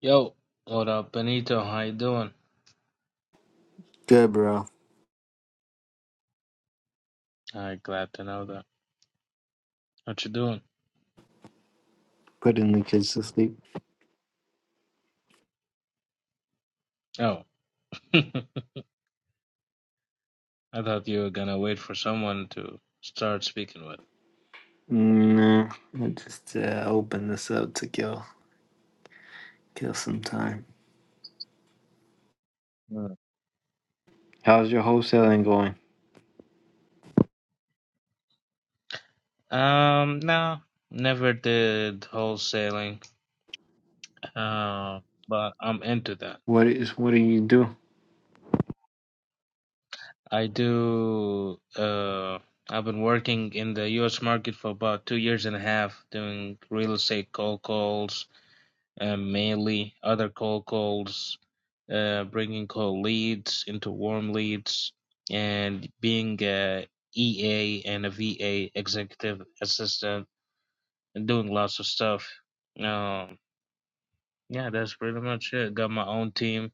Yo, what up, Benito? How you doing? Good, bro. I glad to know that. What you doing? Putting the kids to sleep. Oh, I thought you were gonna wait for someone to start speaking Nah, I just uh, opened this up to kill kill some time. with. How's your wholesaling going? Hmm. Um, no, never did wholesaling. Uh, but I'm into that. What is what do you do? I do. Uh, I've been working in the U.S. market for about two years and a half, doing real estate cold calls, um, mainly other cold calls, uh, bringing cold leads into warm leads, and being a EA and a VA executive assistant and doing lots of stuff. Um, yeah, that's pretty much it. Got my own team.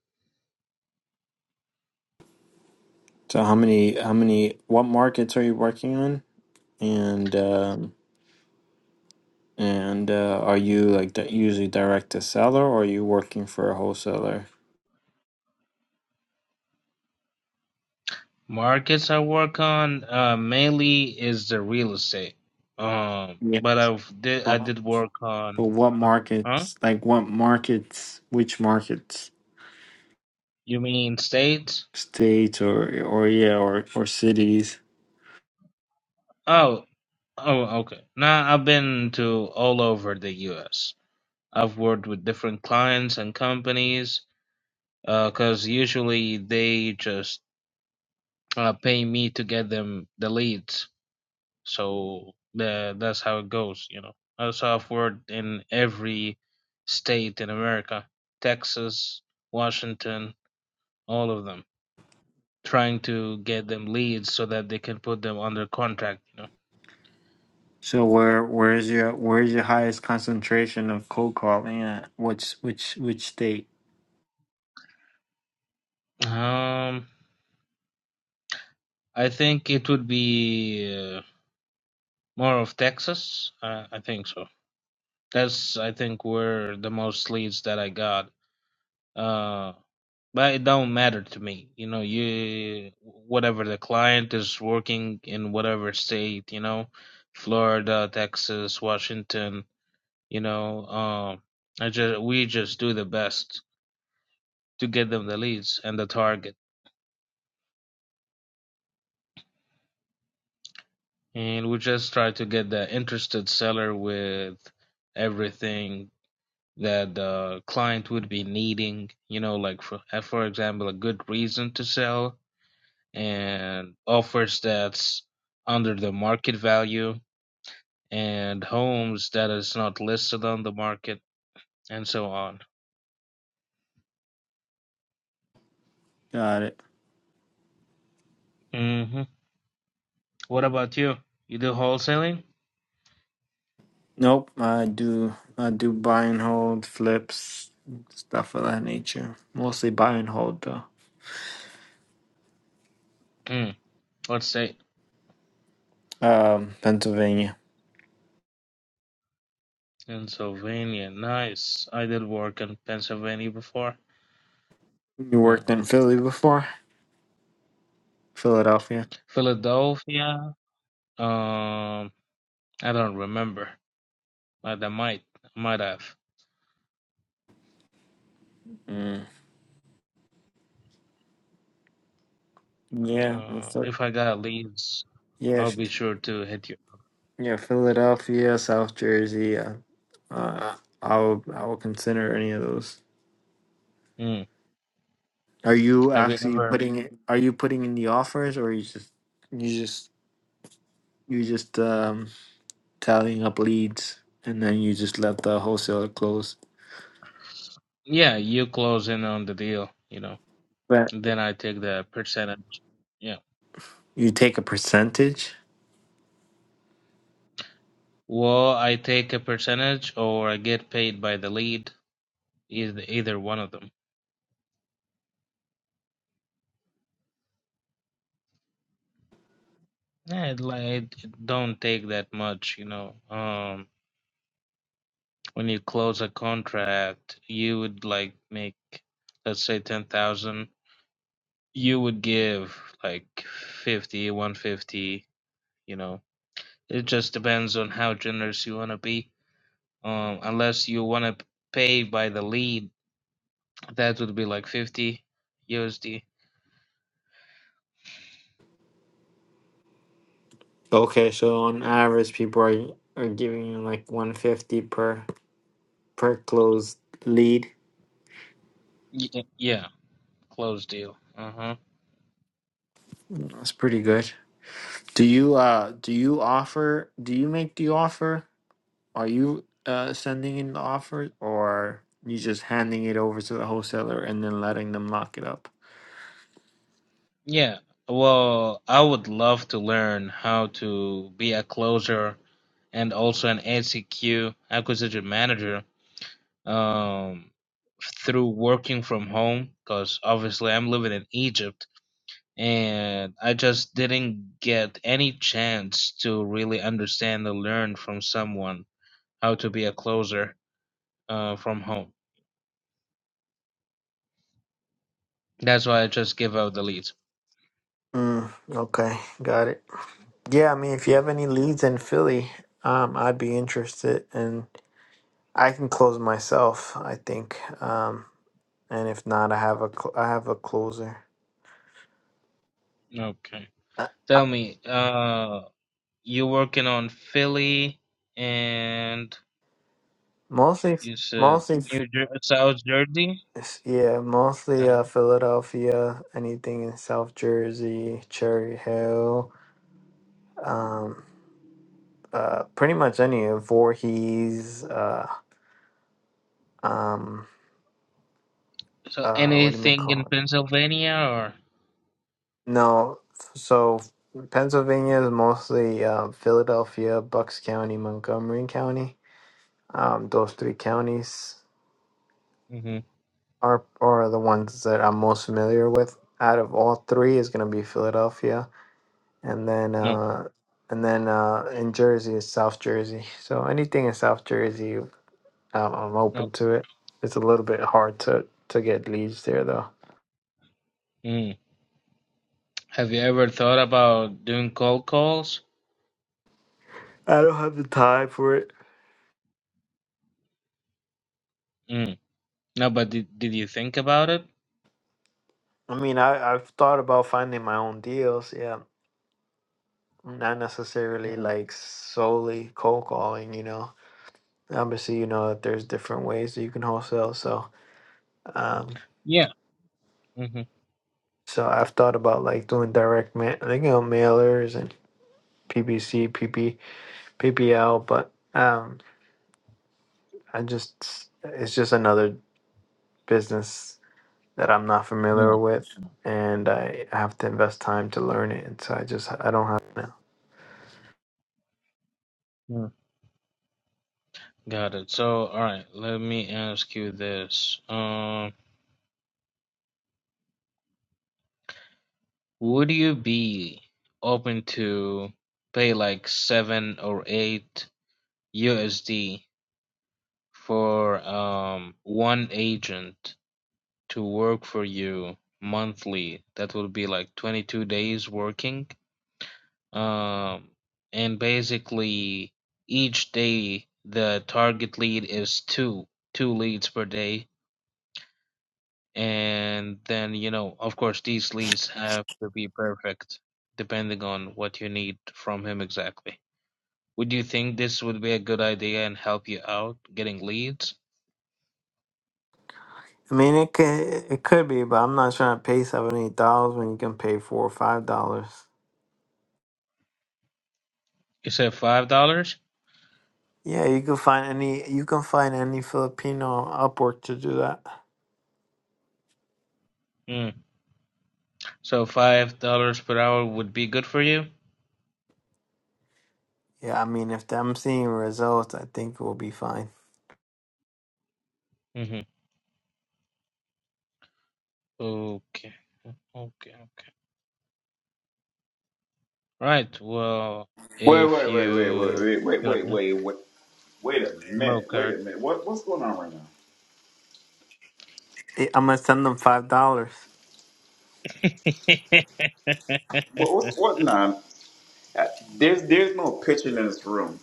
So how many how many what markets are you working on? And um and uh, are you like that usually direct to seller or are you working for a wholesaler? Markets I work on uh, mainly is the real estate. Um, Yeah. but I've did I Well, did work but on, what uh, huh? markets? Like what markets? Which markets? You mean states? States or or yeah or or cities? Oh. Oh, okay. Now I've been to all over the US. I've worked with different clients and companies because usually they just uh, pay me to get them the leads. So the, that's how it goes, you know. Uh, So I've worked in every state in America Texas, Washington, all of them, trying to get them leads so that they can put them under contract, you So where where is your where is your highest concentration of cold calling at? Which which which state? know. Um, I think it would be. uh, More of Texas? Uh, I think so. That's I think where the most leads that I got. Uh, but it don't matter to me. You know, you whatever the client is working in whatever state. You know, Florida, Texas, Washington. You know, um, I just we just do the best to get them the leads and the target, and we just try to get the interested seller with everything that the client would be needing, you know, like for uh, for example, a good reason to sell and offers that's under the market value and homes that is not listed on the market and so on. Got it. hmm What about you? You do wholesaling? Nope. I do I do buy and hold flips stuff of that nature. Mostly buy and hold though. Mm. What state? Um, Pennsylvania. Pennsylvania. Nice. I did work in Pennsylvania before. You Mm. worked in Philly before? Philadelphia. Philadelphia. Um, I don't remember, but I might, might have. Mm. Yeah. I'm Uh, if I got leads, Yeah. I'll if- be sure to hit you. Yeah. Philadelphia, South Jersey. Uh, uh, I will I will consider any of those. Mm. Are you Have you actually ever? putting are you putting in the offers or you just you just you just um tallying up leads and then you just let the wholesaler close? Yeah, you close in on the deal, you know. But Then I take the percentage. Yeah. you take a percentage? Well, I take a percentage or I get paid by the lead, either, either one of them. Yeah, it, like, it it don't take that much, you know. Um, when you close a contract, you would like make, let's say, 10,000. You would give like fifty, one fifty, you know It just depends on how generous you want to be. Um, unless you want to pay by the lead, that would be like 50 USD. Okay, so on average people are are giving you like 150 per per closed lead. yeah, close deal. Uh huh. That's pretty good. Do you uh do you offer do you make the offer? Are you uh sending in the offer or you just handing it over to the wholesaler and then letting them lock it up? Yeah. Well, I would love to learn how to be a closer and also an ACQ acquisition manager um, through working from home because obviously I'm living in Egypt and I just didn't get any chance to really understand or learn from someone how to be a closer uh, from home. That's why I just give out the leads. Mm, okay, got it. Yeah, I mean, if you Yeah. have any leads in Philly, um, I'd be interested, and I can close myself, I think. Um, and if not, I have a cl- I have a closer. Okay. Uh, Tell me, uh, you working on Philly and Mostly, you said mostly, New Jer- South Jersey. yeah, mostly Uh-huh. uh, Philadelphia. Anything in South Jersey, Cherry Hill, um, uh, pretty much any of Voorhees. Uh, um, So uh, what do you anything call it? in Pennsylvania or? No, so Pennsylvania is mostly uh, Philadelphia, Bucks County, Montgomery County. Um, those three counties hmm are are the ones that I'm most familiar with. Out of all three, is going to be Philadelphia, and then No. uh, and then uh, in Jersey is South Jersey. So anything in South Jersey, um, I'm No. open to it. It's a little bit hard to to get leads there though. Mm. Have you ever thought about doing cold calls? I don't have the time for it. Mm. No, but did did you think about it? I mean, I I've thought about finding my own deals, yeah not necessarily Mm. like solely cold calling, you know. Obviously, you know that there's different ways that you can wholesale. So, um, Yeah. hmm so I've thought about like doing direct mail, you know, mailers and PPC, PP, PPL, but um, I just it's just another business that I'm not familiar Yeah. with, and I have to invest time to learn it. And so I just I don't have it now. Yeah. Got it. So, all right, let me ask you this. Um, would you be open to pay like seven or eight USD for um one agent to work for you monthly? That would be like 22 days working. Um, and basically, each day the target lead is two, two leads per day. And then, you know, of course, these leads have to be perfect depending on what you need from him exactly. Would you think this would be a good idea and help you out getting leads? I mean, it could it could be, but I'm not trying to pay seventy dollars when you can pay four or five dollars. You said five dollars? Yeah, you can find any you can find any Filipino Upwork to do that. Mm. So five dollars per hour would be good for you? Yeah, I mean if I'm seeing results, I think we'll be fine. Mm-hmm. Okay. Okay. Right. Well, Wait, if wait, wait, wait, wait, you wait, you're wait, wait, a wait, wait a blow, minute, wait Kirk, a minute. What what's going on right now? Eh, I'm gonna send them five dollars. What what's what now? Uh, There's there's no pitching in this room,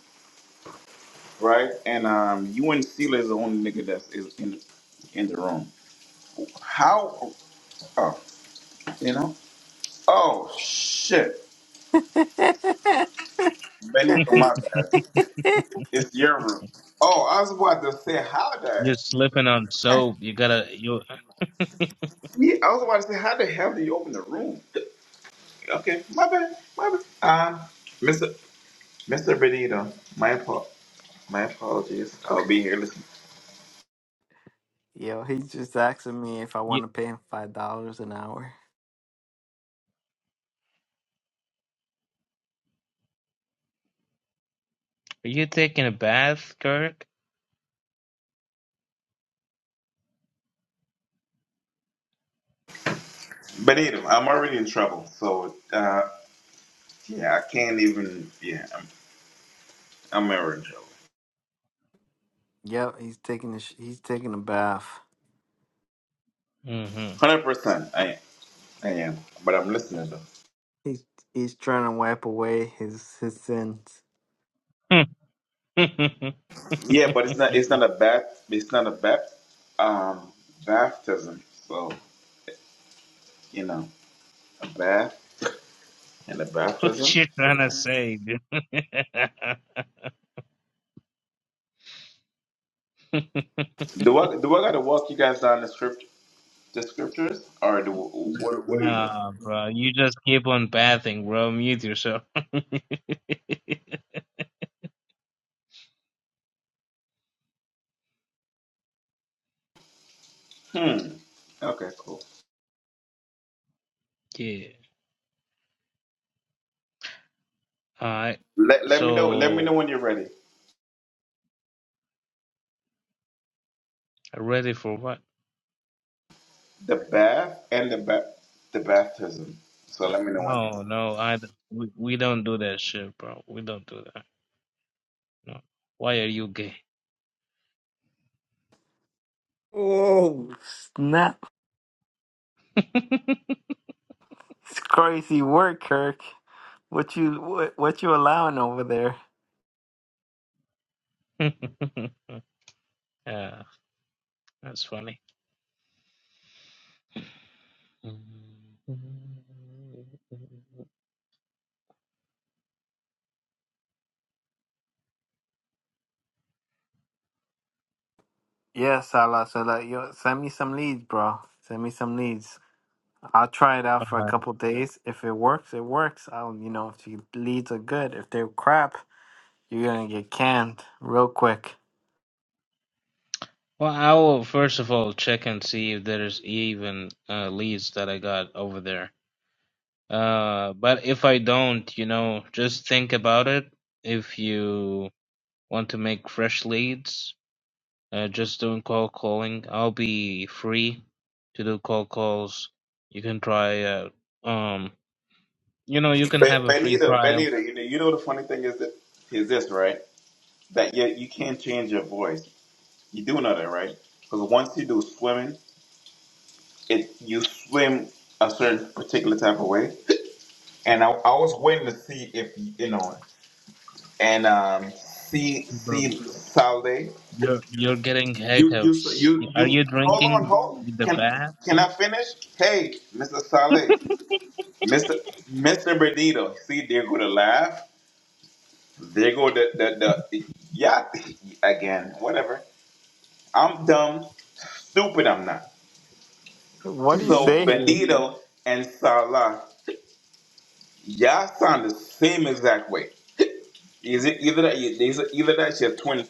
right? And um, you and Steeler is the only nigga that's is in in the room. How? Oh, you know? Oh shit, Benny, oh, my bad. It's your room. Oh, I was about to say how the. you're slipping on soap. You gotta you Yeah, I was about to say how the hell do you open the room? Okay, my bad, my bad. Um, Mister Mister Benito, my fault. My apologies. I'll be here. Listen. Yo, he's just asking me if I you want to pay him five dollars an hour. are you taking a bath, Kirk? But anyway, I'm already in trouble. So uh, yeah, I can't even. Yeah, I'm I'm already in trouble. Yep, he's taking a sh- he's taking a bath. Mm-hmm. Hundred percent. I am. I am. But I'm listening though. He's he's trying to wipe away his his sins. Yeah, but it's not. It's not a bat. It's not a bat. Um, baptism. So you know, a bath and a what baptism. you trying to say, dude? Do I do I gotta walk you guys down the script the scriptures or do what what do we do? nah, bro. You just keep on bathing, bro. Mute yourself. Hmm. Okay. Cool. yeah. All right. Let, let me know. Let me know So when you're ready. ready for what? The bath and the ba- the baptism. So let me know when No, you. no. I d- we, we don't do that shit, bro. We don't do that. No. Why are you gay? Oh snap! It's crazy work, Kirk. What you what, what you allowing over there? yeah, that's funny. Yeah, Salah. So like, yo, send me some leads, bro. Send me some leads. I'll try it Uh, out for a couple days. If it works, it works. I'll you know if the leads are good. If they're crap, you're gonna get canned real quick. Well, I will first of all check and see if there's even uh, leads that I got over there. Uh, but if I don't, you know, just think about it. If you want to make fresh leads, uh, just doing cold calling. I'll be free to do cold calls. You can try. Uh, um. You know, you can Be- have a free Benita, trial, Benita, you know, you know the funny thing is that is this right? That you you can't change your voice. You do know that, right? Because once you do swimming, it you swim a certain particular type of way. And I, I was waiting to see if you know and um see bro. see Salde. You're you're getting You you hiccups. you Are you you hold on drinking hold the can bath, can I finish? Hey, Mr. Saleh. Mr. Mr. Bernito, see, they're going to laugh. They're going to, the, the, yeah, again, whatever. I'm dumb, stupid, I'm not. What do you So, say? Benito and Salah, y'all sound the same exact way. Is it either that, is it either that your twin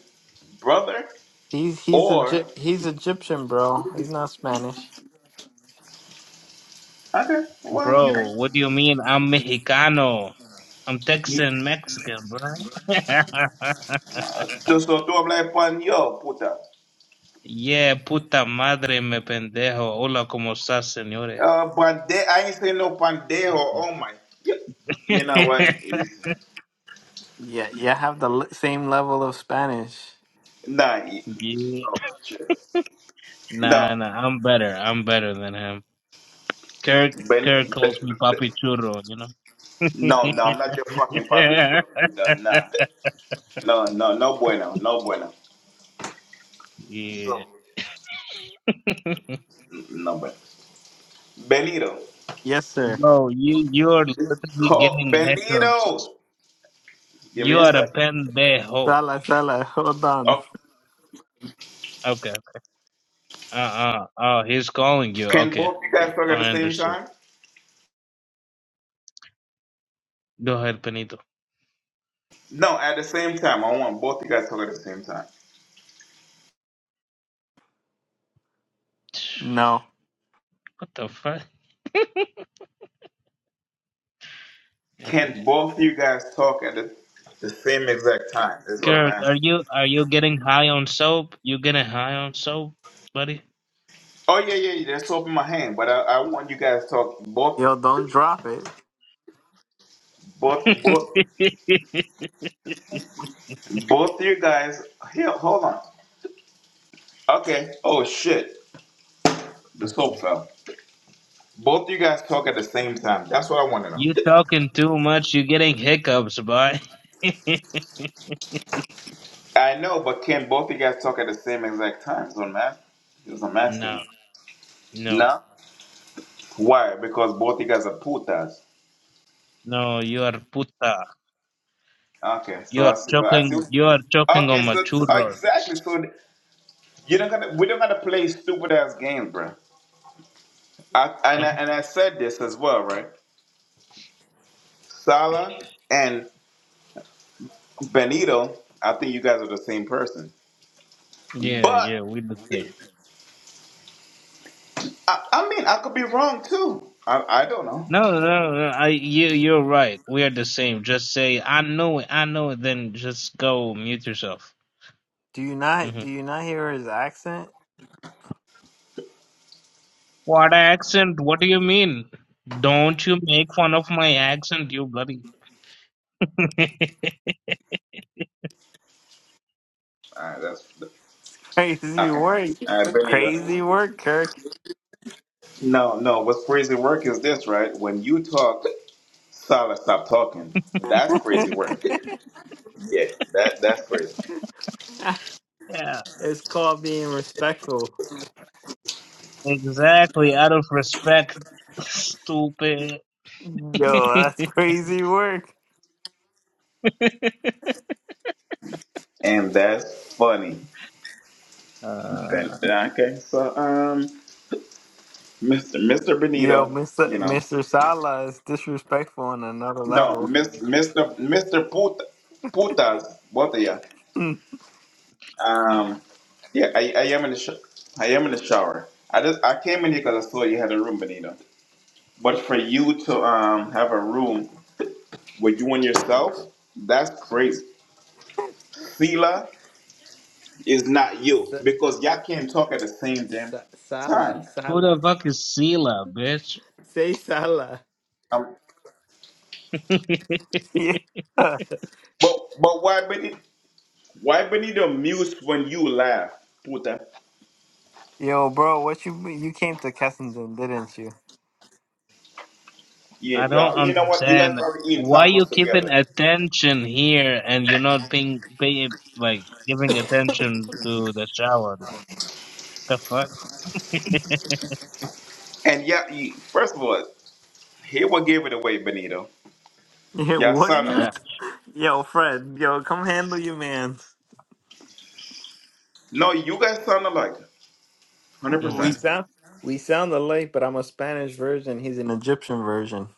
brother He's he's or, Egy- he's Egyptian, bro. He's not Spanish. okay, well, you know, bro? What do you mean? I'm Mexicano. I'm Texan Mexican, bro. so, so two, I'm like, pan yo, puta. yeah, puta madre me pendejo. Hola, cómo estás, señores? Uh, pan I ain't say no pan de or oh my. You know what? Yeah, yeah, have the l- same level of Spanish. No, you- yeah. oh, shit. Nah, no, nah. I'm better. I'm better than him. Kirk Kirk Benny, Be- calls me Be- Papi Churro. You know. no, no, I'm not your fucking public school Buddha. Nah, no, no, no bueno, no bueno, yeah. So, no bueno. Benito, Yes, sir. Bro, you you are literally oh, giving hiccups. Benito, give me You a are a second. pendejo. Salah, Salah. Hold on. Oh, Okay. Uh uh. Oh, he's calling you. can Okay. both you Uh, guys talk at the I same understood. time? Go ahead, Benito. No, at the same time. I want both you guys talk at the same time. No. What the fuck? Can Eh, both you guys talk at the, the same exact time? Is what I'm Kirk, are asking. you are you getting high on soap? You getting high on soap, buddy? Oh yeah, yeah. yeah, That's open my hand, but I, I want you guys to talk both. Yo, don't drop it. Both, both, both you guys. Here, hold on. Okay. Oh shit, the soap fell. Both you guys talk at the same time. That's what I want to know. you talking too much. You getting hiccups, boy. I know, but can both you guys talk at the same exact time? So man, just I'm asking no, you. no, No. Why? Because both you guys are putas. no. You are puta. Okay. You So I are see. I see. choking. You are choking on Okay. my So, so churros. exactly. So you don't gotta. We don't gotta play stupid ass games, bro. I, and I, and I said this as well, right? Salah and Benito, I think you guys are the same person. Yeah, yeah, But we're the same. I, I mean, I could be wrong too. I, I don't know. No, no, no. I you you're right. We are the same. Just say I know it, I know it. Then just go mute yourself. Do you not hmm do you not hear his accent? What accent? What do you mean? Don't you make fun of my accent, you bloody. All right, that's Crazy okay. work. All right, Crazy Benito. work, Kirk. No, no. What's crazy work is this, right? When you talk, Salah stop talking. That's crazy work. Yeah, that that's crazy, yeah, it's called being respectful. exactly. Out of respect, stupid. Yo, that's crazy work. and that's funny. Ben, uh, okay, so um, Mister Mister Yo, Benito, Mr. you know, Mr. Sala is disrespectful on another no, level. Mister Mister Mister Puta, Putas, both of ya. Um, yeah, I, I am in the sh- I am in the shower. I just I came in here because I saw you had a room, Benito. But for you to um have a room with you and yourself, that's crazy. Sila is not Sa- you because y'all can't talk at the same damn sa- Sala, time. who Sala. the fuck is Sela, bitch? Say Sala. Um, Yeah. but but why Benito? Why Benito mute when you laugh? Puta. Yo, bro, what you you came to Kensington, didn't you? Yeah, I don't y'all, you know what? You guys understand probably eating why tacos you keeping together. attention here and you're not paying, pay, like giving attention to the shower. Like the fuck. And yeah, first of all, here what gave it away, Benito. Yeah, Y'all what are son. you? Yo, Fred, yo, come handle your man. No, you guys sound alike. We 100%. Mm, sound we sound alike, but I'm a Spanish version. He's an Egyptian version.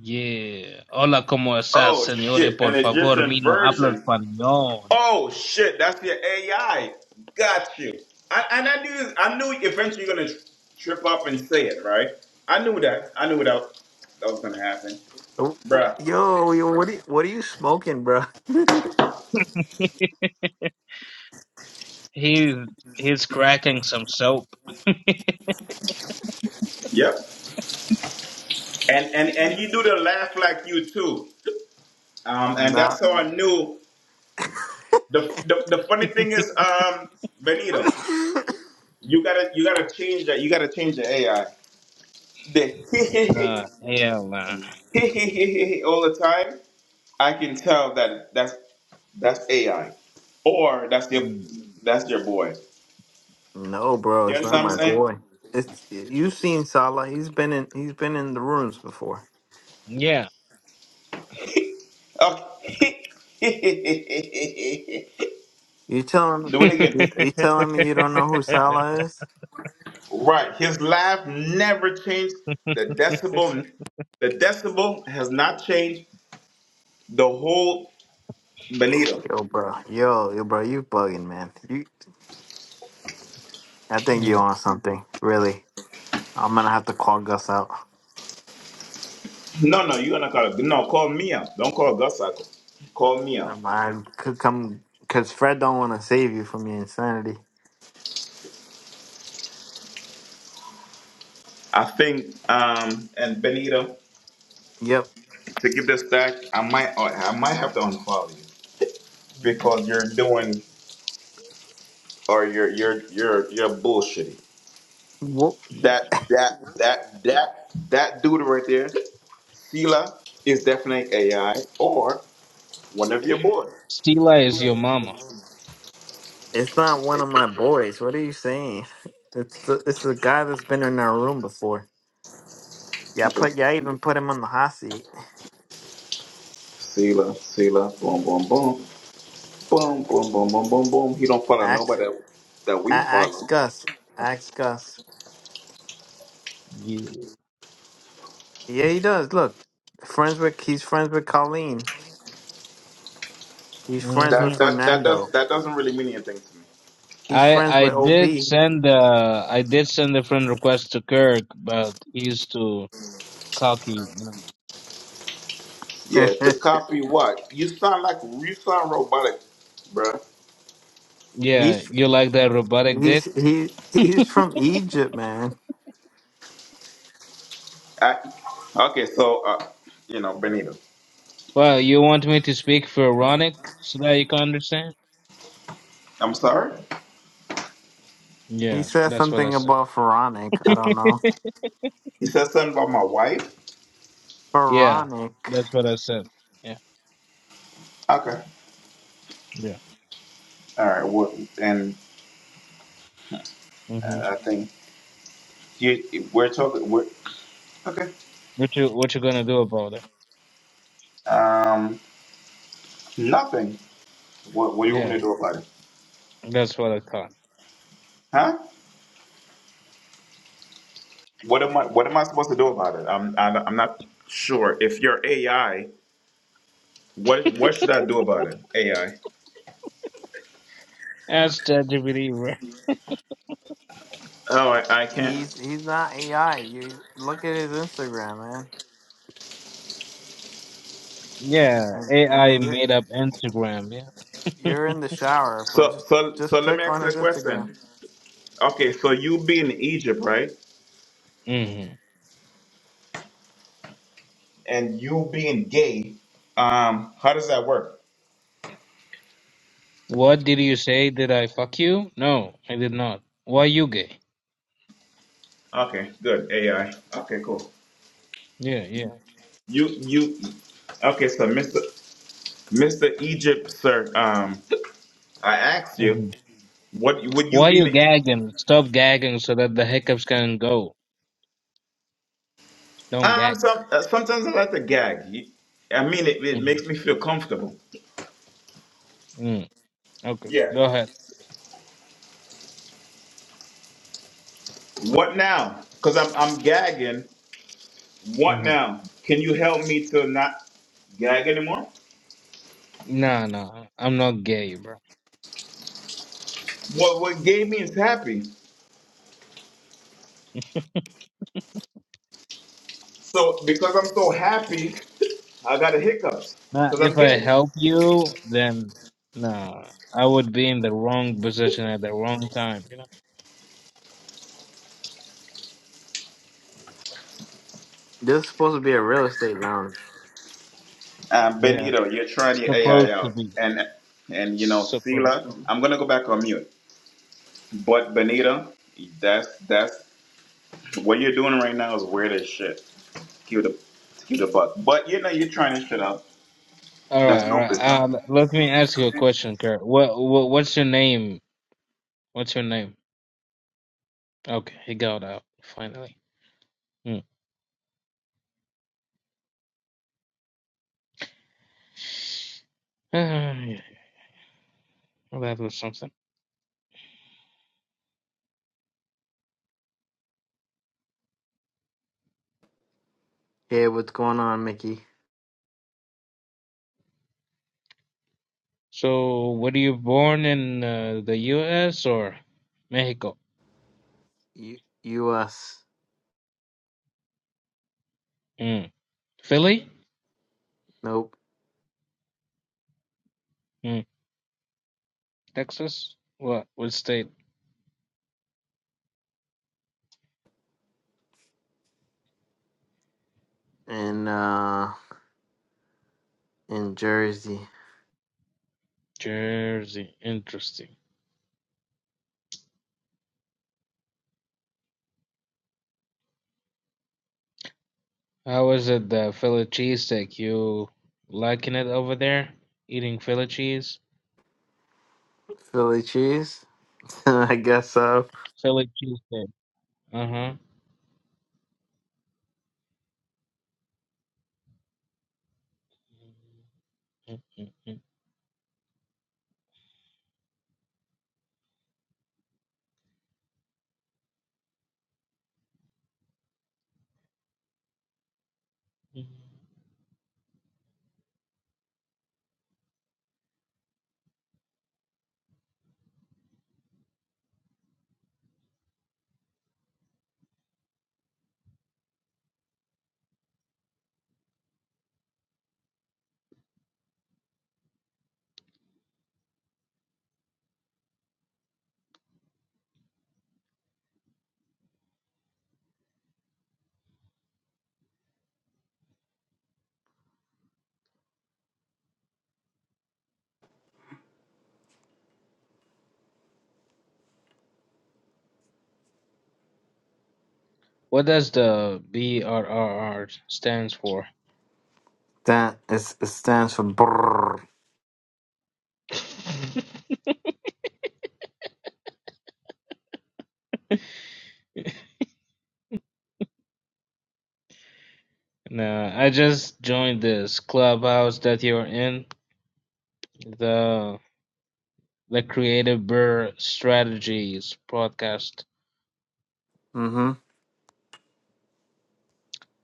yeah. Hola, cómo estás, Oh, señores? shit. Por An favor, Egyptian mi no habla version. español. Oh, shit. That's your AI. Got you. I, and I knew I knew eventually you're going to trip up and say it, right? I knew that. I knew that, that was going to happen. Yo, Bruh. yo, what are you, what are you smoking, bro? He's he's cracking some soap. Yep. And, and and Uh, he do the laugh like you, too. Um, and Nah. that's how I knew. The, the, the funny thing is, um, Benito, you gotta you gotta change that. You gotta change the AI. The uh, hell, nah. all the time, I can tell that that's that's AI, or that's your Mm, that's your boy. no, bro, You it's not understand mm, my what boy. It's you've seen Salah. He's been in he's been in the rooms before. yeah. I'm saying? Okay. You telling Do it again. you, you telling me you don't know who Salah is? Right. His laugh never changed. The decibel, the decibel has not changed. The whole Benito. Yo, bro, yo, yo, bro, you bugging, man. You, I think you Mm. on something, really. I'm gonna have to call Gus out. No, no, you're gonna call it. No, call me out. Don't call Gus Cycle. Call me out. Um, I could come because Fred don't want to save you from your insanity. I think um and Benito. Yep. to keep the stack, I might oh, I might have to unfollow you because you're doing or you're you're you're you're bullshitty. Whoop. That that that that that dude right there, Sela, is definitely AI or one of your boys. Stila is your mama. It's not one of my boys. What are you saying? It's the, it's the guy that's been in our room before. Yeah, I Okay. put yeah, I even put him on the hot seat. Sela, Sela, boom, boom, boom, boom, boom, boom, boom, boom, boom. He don't follow Ask nobody that, that a- we ask follow. Gus. Ask Gus. Yeah. Yeah, he does. Look, friends with he's friends with Colleen. He's friends Mhm. with That that that does Fernando. that doesn't really mean anything to me. He's I friends I with Ov. did send uh I did send a friend request to Kirk, but he's too cocky. you know. Yeah, to copy what you sound like you sound robotic, bruh. Yeah, he's you like that robotic he's dick? he he's from Egypt, man. I, okay, so uh, you know, Benito. Well, you want me to speak Pharaonic so that you can understand? I'm sorry. He Yeah, said that's what I something said. about Pharaonic. I don't know. He said something about my wife. Yeah, Pharaonic. that's what I said. Yeah, Okay. yeah. All right. Well, and hmm uh, I think you we're talking. We're okay. What you what you gonna do about it? Um, nothing. What What do you want me to Yeah, do about it? that's what I thought. Huh? What am I What am I supposed to do about it? I'm I'm I'm not sure. If you're AI, what What should I do about it? AI. That's ChatGPT. right? Oh, I, I He's can't. he's not AI. You look at his Instagram, man. Yeah, And, I AI mean, you're made up Instagram. Yeah. you're in the shower, but So just so just so let me click on ask you his a Instagram. question. Okay, so you be in Egypt, right? hmm and you being gay, um, how does that work? What did you say? Did I fuck you? No, I did not. Why you gay? Okay, good. AI. Okay, cool. Yeah, yeah. You you okay, so Mr. Mr. Egypt, sir, um, I asked you, hmm what would you Why you be? gagging? Stop gagging so that the hiccups can go. Don't Um, gag. some, uh, sometimes I like to gag. You- I mean, it, it hmm makes me feel comfortable. Mm. Okay, Yeah. go ahead. What now? Because I'm I'm gagging. What hmm now? Can you help me to not gag anymore? Nah, nah, I'm not gay, bro. What what gay means happy? So because I'm so happy, I got a hiccups Nah, because I'm if I gay. help you, then nah, I would be in the wrong position at the wrong time. You know? This is supposed to be a real estate lounge. Um, Yeah, Benito, you're trying your AI supposed to out, be and and you know, supposed. Sila, I'm gonna go back on mute. But Benito, that's that's what you're doing right now is weird as shit. Cue the cue the butt. But you know, you're trying to shit out. All That's right, all no right. as hell. Uh, let me ask you a question, Kurt. What, what, what's your name? What's your name? Okay, he got out finally. Hmm. Ah, yeah, well, that was something. Hey, what's going on, Mickey? So, were you born in uh, the U.S. or Mexico? U- U.S. Hmm. Philly? Nope. Hmm. Texas? What? What state? In uh in Jersey, Jersey. Interesting. How is it the Philly cheesesteak? You liking it over there? Eating Philly cheese? Philly cheese. I guess so. Philly cheesesteak. Uh huh. Mm, mm, mm, mm. What does the BRRR stands for? That it stands for brrr. Nah, I just joined this clubhouse that you're in, the the Creative Burr Strategies podcast. Mm-hmm.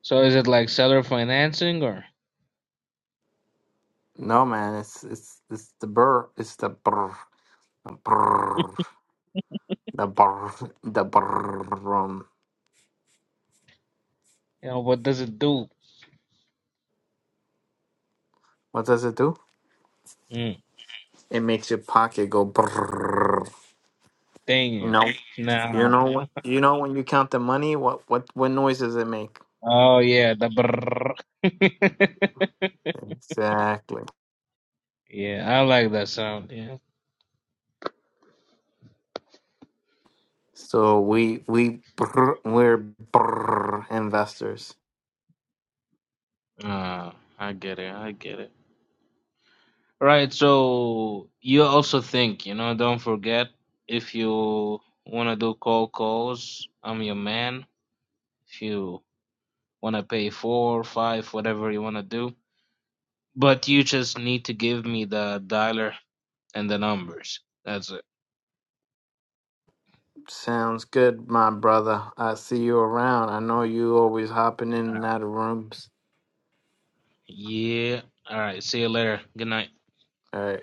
So is it like seller financing or No, man, it's it's it's the burr, it's the brr, the brr, the brr, the brr. um, you know what does it do? What does it do? Mm, It makes your pocket go brr. dang You you. know, you Nah. know what, you know when you count the money, what what what noise does it make? Oh yeah, the brr. Exactly. yeah, I like that sound, yeah. So we we brr, we're brr investors. Ah, I get it, I get it. Right, so you also think, you know, don't forget if you wanna do cold calls, I'm your man if you want to pay four five whatever you want to do but you just need to give me the dialer and the numbers that's it Sounds good, my brother. I see you around. I know you always hopping All in right. and out of rooms. yeah all right see you later good night All right.